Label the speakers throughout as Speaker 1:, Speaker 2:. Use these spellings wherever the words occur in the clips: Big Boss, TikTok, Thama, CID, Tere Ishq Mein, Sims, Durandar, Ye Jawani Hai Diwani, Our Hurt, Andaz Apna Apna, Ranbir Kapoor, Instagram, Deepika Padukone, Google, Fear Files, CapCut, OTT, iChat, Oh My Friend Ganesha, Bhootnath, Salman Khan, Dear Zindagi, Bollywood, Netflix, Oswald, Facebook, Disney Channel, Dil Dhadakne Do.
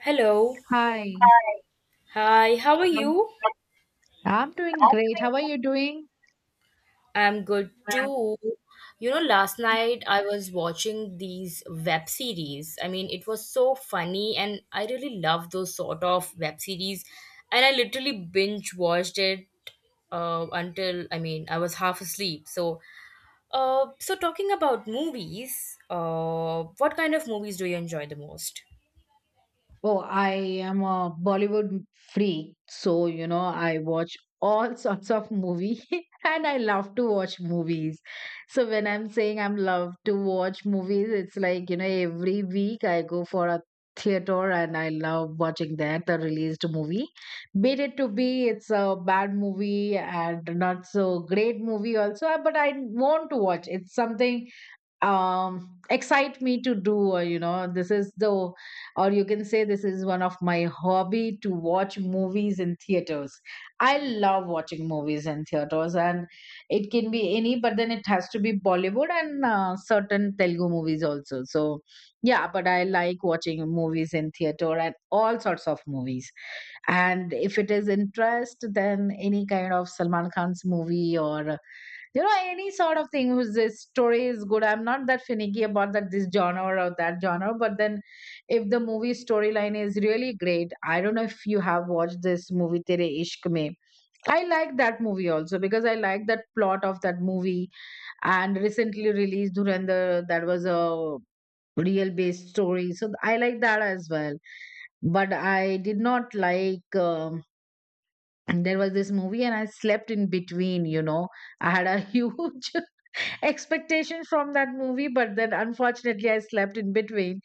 Speaker 1: Hello.
Speaker 2: Hi,
Speaker 1: Hi, hi, how are you?
Speaker 2: I'm doing great. How are you doing?
Speaker 1: I'm good too. You know, last night I was watching these web series. I mean, it was so funny, and I really love those sort of web series. And I literally binge watched it until, I mean, I was half asleep. So, so talking about movies, what kind of movies do you enjoy the most?
Speaker 2: Oh, I am a Bollywood freak. So, you know, I watch all sorts of movie and I love to watch movies. So when I'm saying I'm love to watch movies, it's like, you know, every week I go for a theater and I love watching that, the released movie. Be it to be, it's a bad movie and not so great movie also, but I want to watch. It's something excite me to do, or you know this is the, or you can say this is one of my hobby to watch movies in theaters. I love watching movies in theaters, and it can be any, but then it has to be Bollywood and certain Telugu movies also. So yeah, but I like watching movies in theater and all sorts of movies. And if it is interest, then any kind of Salman Khan's movie, or you know, any sort of thing whose this story is good. I'm not that finicky about that this genre or that genre, but then if the movie storyline is really great. I don't know if you have watched this movie Tere Ishq Mein. I like that movie also because I like that plot of that movie. And recently released Durandar, that was a real based story, so I like that as well. But I did not like, there was this movie and I slept in between, you know. I had a huge expectation from that movie, but then unfortunately I slept in between.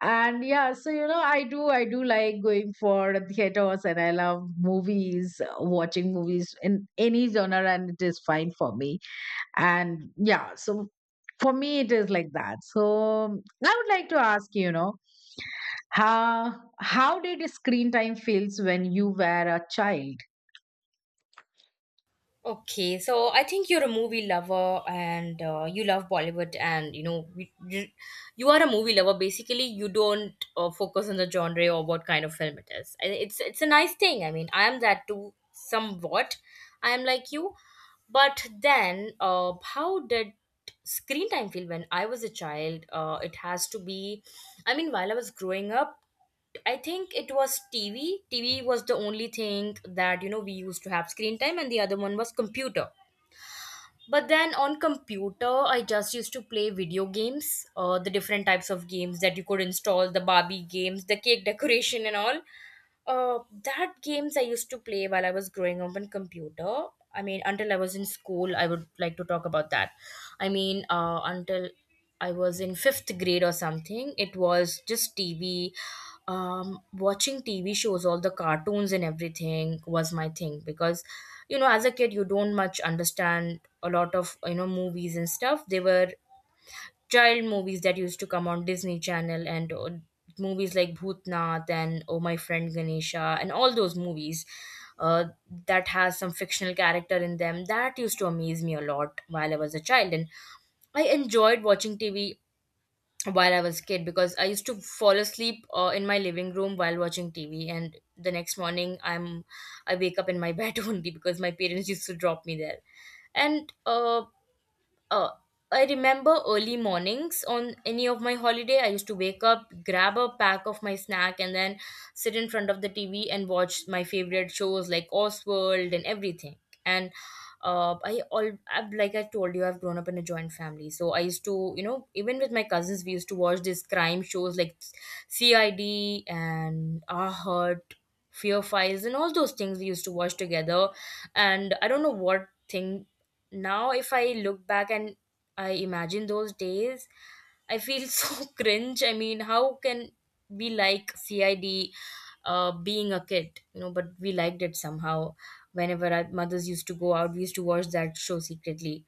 Speaker 2: And yeah, so you know, I do like going for theaters, and I love movies, watching movies in any genre, and it is fine for me. And yeah, so for me it is like that. So I would like to ask, you know, how how did screen time feels when you were a child?
Speaker 1: Okay, so I think you're a movie lover and you love Bollywood and you know you you are a movie lover. Basically, you don't focus on the genre or what kind of film it is. It's a nice thing. I mean, I am that too somewhat. I am like you, but then how did screen time feel when I was a child? It has to be. I mean, while I was growing up. I think it was TV. TV was the only thing that, you know, we used to have screen time, and the other one was computer. But then on computer, I just used to play video games, the different types of games that you could install, the Barbie games, the cake decoration, and all. That games I used to play while I was growing up on computer. I mean, until I was in school, I would like to talk about that. I mean, until I was in fifth grade or something, it was just TV. Watching TV shows, all the cartoons and everything was my thing because, you know, as a kid, you don't much understand a lot of, you know, movies and stuff. They were child movies that used to come on Disney Channel and movies like Bhootnath and Oh My Friend Ganesha and all those movies uh, that has some fictional character in them that used to amaze me a lot while I was a child, and I enjoyed watching TV while I was a kid because I used to fall asleep in my living room while watching TV, and the next morning I wake up in my bed only because my parents used to drop me there. And uh, I remember early mornings on any of my holiday. I used to wake up, grab a pack of my snack, and then sit in front of the TV and watch my favorite shows like Oswald and everything. And I all I've, like I told you, I've grown up in a joint family, so I used to, you know, even with my cousins, we used to watch these crime shows like CID and Our Hurt, Fear Files, and all those things we used to watch together. And I don't know what thing, now if I look back and I imagine those days, I feel so cringe. I mean, how can we like CID, being a kid, you know? But we liked it somehow. Whenever our mothers used to go out, we used to watch that show secretly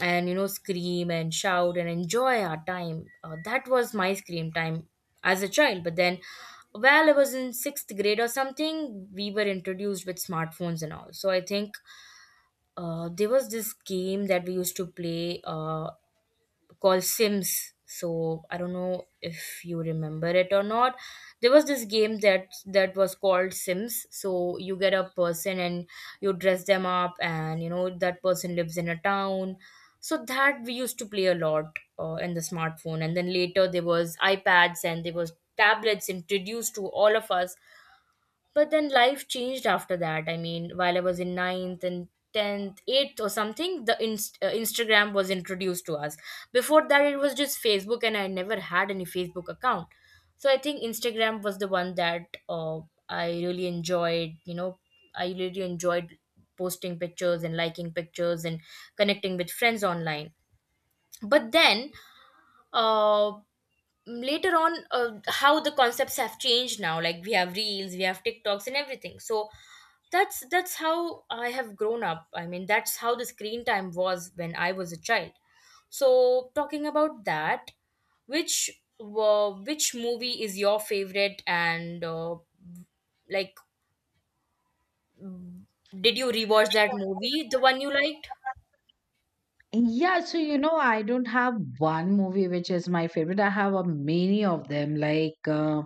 Speaker 1: and, you know, scream and shout and enjoy our time. That was my scream time as a child. But then, well, I was in sixth grade or something, we were introduced with smartphones and all, so I think there was this game that we used to play, called Sims. So I don't know if you remember it or not. There was this game that was called Sims. So you get a person, and you dress them up, and you know that person lives in a town. So that we used to play a lot in the smartphone, and then later there was iPads and there was tablets introduced to all of us. But then life changed after that. I mean, while I was in ninth and 10th, 8th or something, Instagram was introduced to us. Before that, it was just Facebook, and I never had any Facebook account. So I think Instagram was the one that I really enjoyed. You know, I really enjoyed posting pictures and liking pictures and connecting with friends online. But then, uh, later on, how the concepts have changed now, like we have reels, we have tiktoks and everything. So that's how I have grown up. I mean, that's how the screen time was when I was a child. So talking about that, which which movie is your favorite, and like, did you rewatch that movie, the one you liked?
Speaker 2: Yeah, so you know, I don't have one movie which is my favorite. I have a many of them, like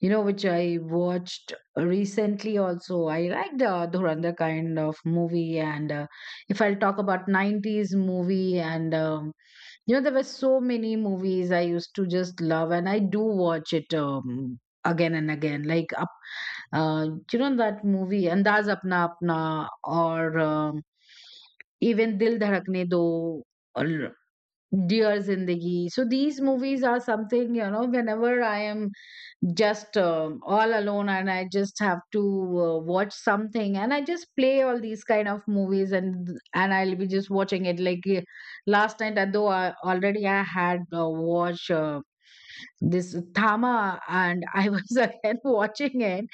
Speaker 2: you know, which I watched recently. Also, I like the Dhurandhar kind of movie, and if I'll talk about '90s movie, and you know, there were so many movies I used to just love, and I do watch it, again and again. Like uh, you know that movie Andaz Apna Apna, or even Dil Dhadakne Do, or Dear Zindagi. So these movies are something, you know, whenever I am just all alone, and I just have to watch something, and I just play all these kind of movies, and I'll be just watching it. Like last night, though I had watched this Thama, and I was again watching it,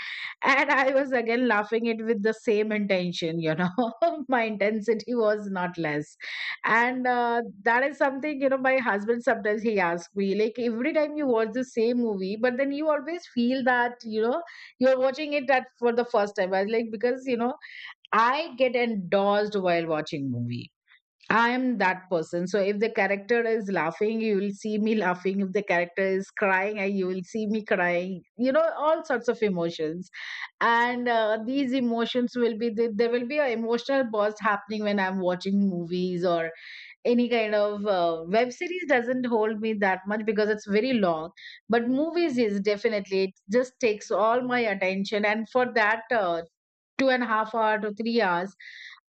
Speaker 2: and I was again laughing it with the same intention. You know, my intensity was not less, and that is something, you know. My husband sometimes he asks me like every time you watch the same movie, but then you always feel that you know you're watching it that for the first time. I was like, because you know I get endorsed while watching movie. I am that person. So if the character is laughing, you will see me laughing. If the character is crying, you will see me crying. You know, all sorts of emotions. And these emotions will be, there will be an emotional burst happening when I'm watching movies, or any kind of web series doesn't hold me that much because it's very long. But movies is definitely, it just takes all my attention. And for that 2.5 hours to 3 hours,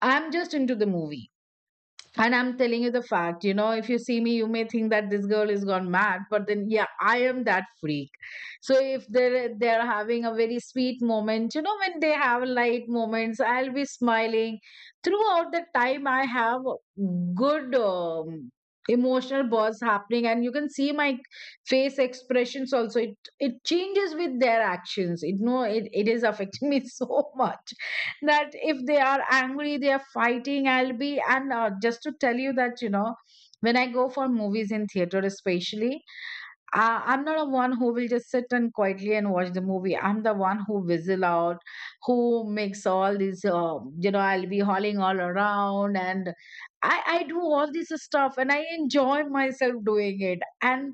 Speaker 2: I'm just into the movie, and I'm telling you the fact, you know, if you see me, you may think that this girl is gone mad, but then yeah, I am that freak. So if they're having a very sweet moment, you know, when they have light moments, I'll be smiling. Throughout the time, I have good emotional bursts happening, and you can see my face expressions also. It changes with their actions. It no, it is affecting me so much that if they are angry, they are fighting, I'll be. And just to tell you that, you know, when I go for movies in theater especially, I'm not a one who will just sit and quietly and watch the movie. I'm the one who whistle out, who makes all these, you know, I'll be hauling all around. And I do all this stuff, and I enjoy myself doing it. And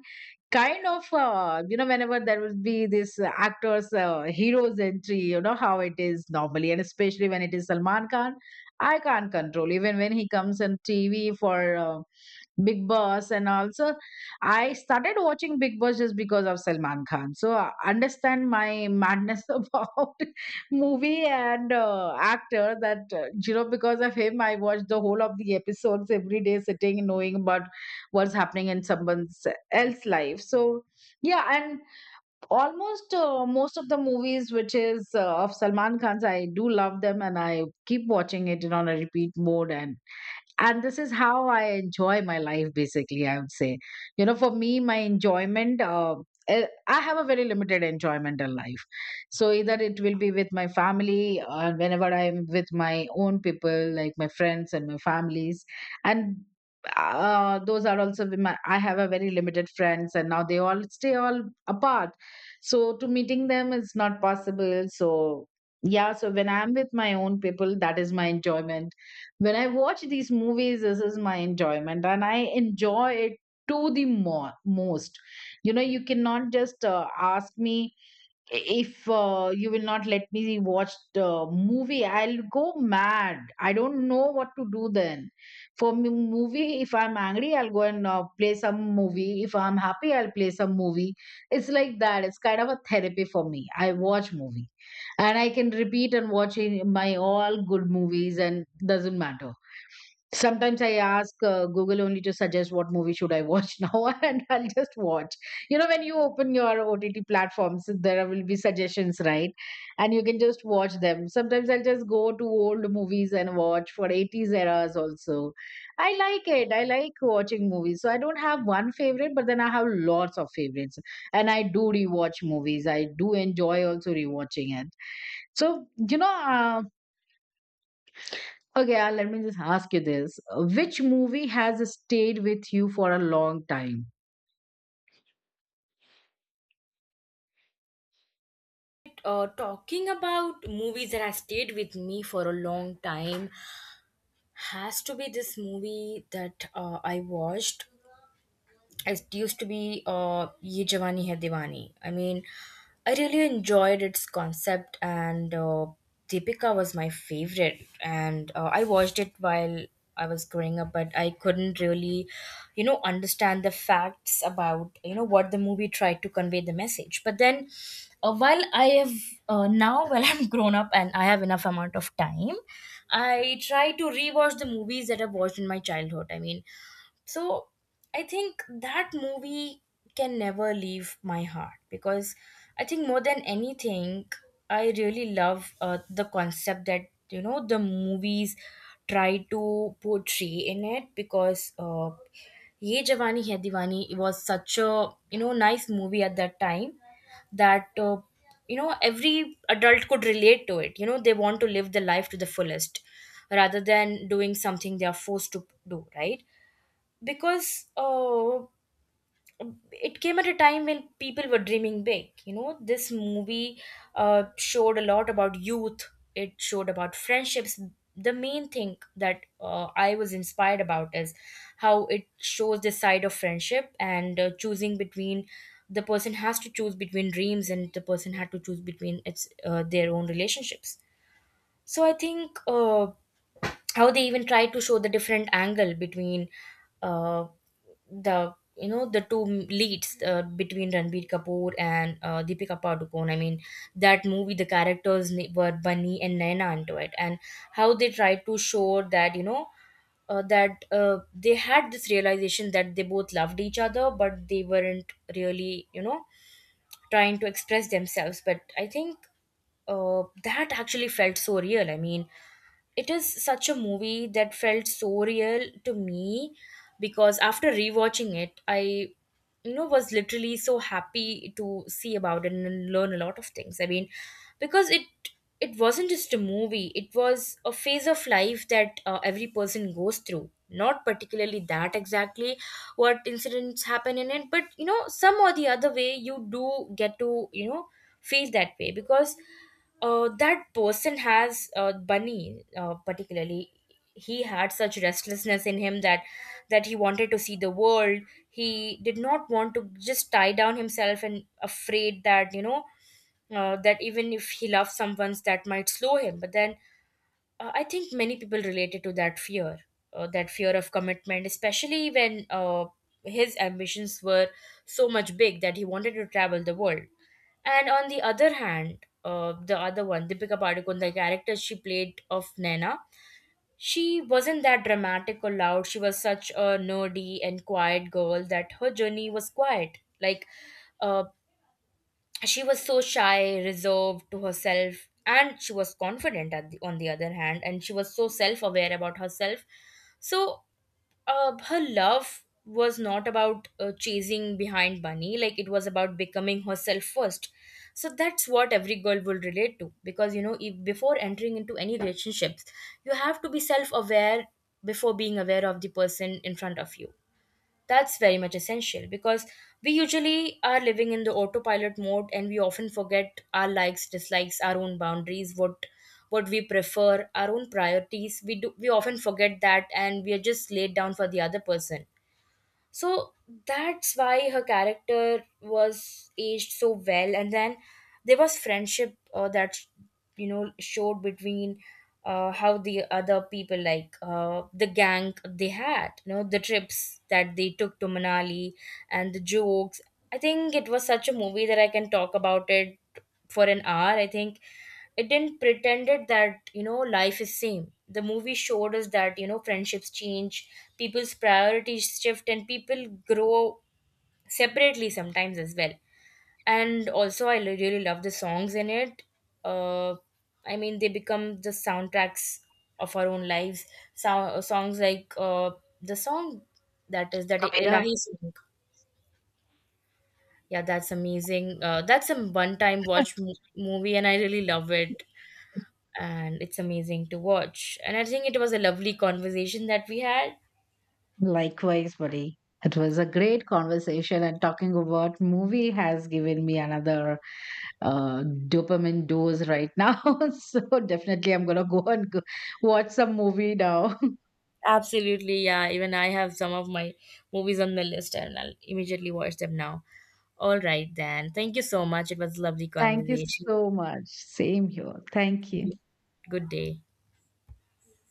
Speaker 2: kind of, you know, whenever there would be this, actors, heroes entry, you know how it is normally, and especially when it is Salman Khan. I can't control even when he comes on TV for, Big Boss, and also I started watching Big Boss just because of Salman Khan. So understand my madness about movie and actor that, you know, because of him I watched the whole of the episodes every day, sitting and knowing about what's happening in someone's else life. So yeah, and almost most of the movies which is of Salman Khan's, I do love them, and I keep watching it in on a repeat mode. And this is how I enjoy my life basically, I would say. You know, for me, my enjoyment, I have a very limited enjoyment in life. So either it will be with my family, or whenever I am with my own people, like my friends and my families. And those are also with my, I have a very limited friends, and now they all stay all apart. So to meeting them is not possible. So yeah, so when I'm with my own people, that is my enjoyment. When I watch these movies, this is my enjoyment, and I enjoy it to the more, most. You know, you cannot just ask me if you will not let me watch the movie, I'll go mad. I don't know what to do then. For me, movie, if I'm angry, I'll go and play some movie. If I'm happy, I'll play some movie. It's like that. It's kind of a therapy for me. I watch movie, and I can repeat and watch my all good movies, and doesn't matter. Sometimes I ask Google only to suggest what movie should I watch now, and I'll just watch. You know, when you open your OTT platforms, there will be suggestions, right? And you can just watch them. Sometimes I'll just go to old movies and watch for 80s eras also. I like it. I like watching movies. So I don't have one favorite, but then I have lots of favorites. And I do rewatch movies. I do enjoy also rewatching it. So, you know, okay, let me just ask you this. Which movie has stayed with you for a long time?
Speaker 1: Uh, talking about movies that has stayed with me for a long time, has to be this movie that I watched. It used to be Ye Jawani Hai Diwani. I mean, I really enjoyed its concept, and Deepika was my favorite. And I watched it while I was growing up, but I couldn't really, you know, understand the facts about, you know, what the movie tried to convey the message. But then, while I have now, while I'm grown up and I have enough amount of time, I try to rewatch the movies that I've watched in my childhood. I mean, so I think that movie can never leave my heart because I think, more than anything, I really love the concept that, you know, the movies try to portray in it because Ye Jawani Hai Diwani, it was such a, you know, nice movie at that time, that you know, every adult could relate to it. You know, they want to live the life to the fullest rather than doing something they are forced to do, right? Because it came at a time when people were dreaming big. You know, this movie showed a lot about youth. It showed about friendships. The main thing that I was inspired about is how it shows the side of friendship and, choosing between, the person has to choose between dreams, and the person had to choose between its their own relationships. So I think. How they even try to show the different angle between uh, the, you know, the two leads, between Ranbir Kapoor and Deepika Padukone. I mean, that movie, the characters were Bunny and Naina into it, and how they tried to show that, you know, that they had this realization that they both loved each other, but they weren't really, you know, trying to express themselves. But I think that actually felt so real. I mean, it is such a movie that felt so real to me, because after rewatching it, I, you know, was literally so happy to see about it and learn a lot of things. I mean, because it wasn't just a movie, it was a phase of life that every person goes through, not particularly that exactly what incidents happen in it, but you know, some or the other way, you do get to, you know, feel that way. Because that person has, Bunny, particularly, he had such restlessness in him that he wanted to see the world. He did not want to just tie down himself and afraid that, you know, that even if he loves someone, that might slow him. But then I think many people related to that fear, that fear of commitment, especially when his ambitions were so much big that he wanted to travel the world. And on the other hand, the other one, Deepika Padukone, the character she played of Naina, she wasn't that dramatic or loud. She was such a nerdy and quiet girl that her journey was quiet. Like, uh, she was so shy, reserved to herself, and she was confident at the, on the other hand, and she was so self aware about herself. So her love was not about chasing behind money, like it was about becoming herself first. So that's what every girl will relate to, because you know, if, before entering into any relationships, you have to be self-aware before being aware of the person in front of you. That's very much essential because we usually are living in the autopilot mode, and we often forget our likes, dislikes, our own boundaries, what we prefer, our own priorities. We often forget that, and we are just laid down for the other person. So that's why her character was aged so well. And then there was friendship that, you know, showed between how the other people, like the gang they had, you know, the trips that they took to Manali, and the jokes. I think it was such a movie that I can talk about it for an hour. I think it didn't pretended that, you know, life is same. The movie showed us that, you know, friendships change, people's priorities shift, and people grow separately sometimes as well. And also I really love the songs in it. uh, I mean, they become the soundtracks of our own lives. Songs like, the song that is that
Speaker 2: Okay. Yeah,
Speaker 1: Ilahi song. Yeah, that's amazing. That's a one time watch movie, and I really love it, and it's amazing to watch. And I think it was a lovely conversation that we had.
Speaker 2: likewise, buddy. It was a great conversation, and talking about movie has given me another dopamine dose right now. So definitely, I'm gonna go and go watch some movie now.
Speaker 1: Absolutely, yeah. Even I have some of my movies on the list, and I'll immediately watch them now. All right, then. Thank you so much. It was a lovely
Speaker 2: Thank you
Speaker 1: conversation.
Speaker 2: so much. Same here. Thank you.
Speaker 1: Good day.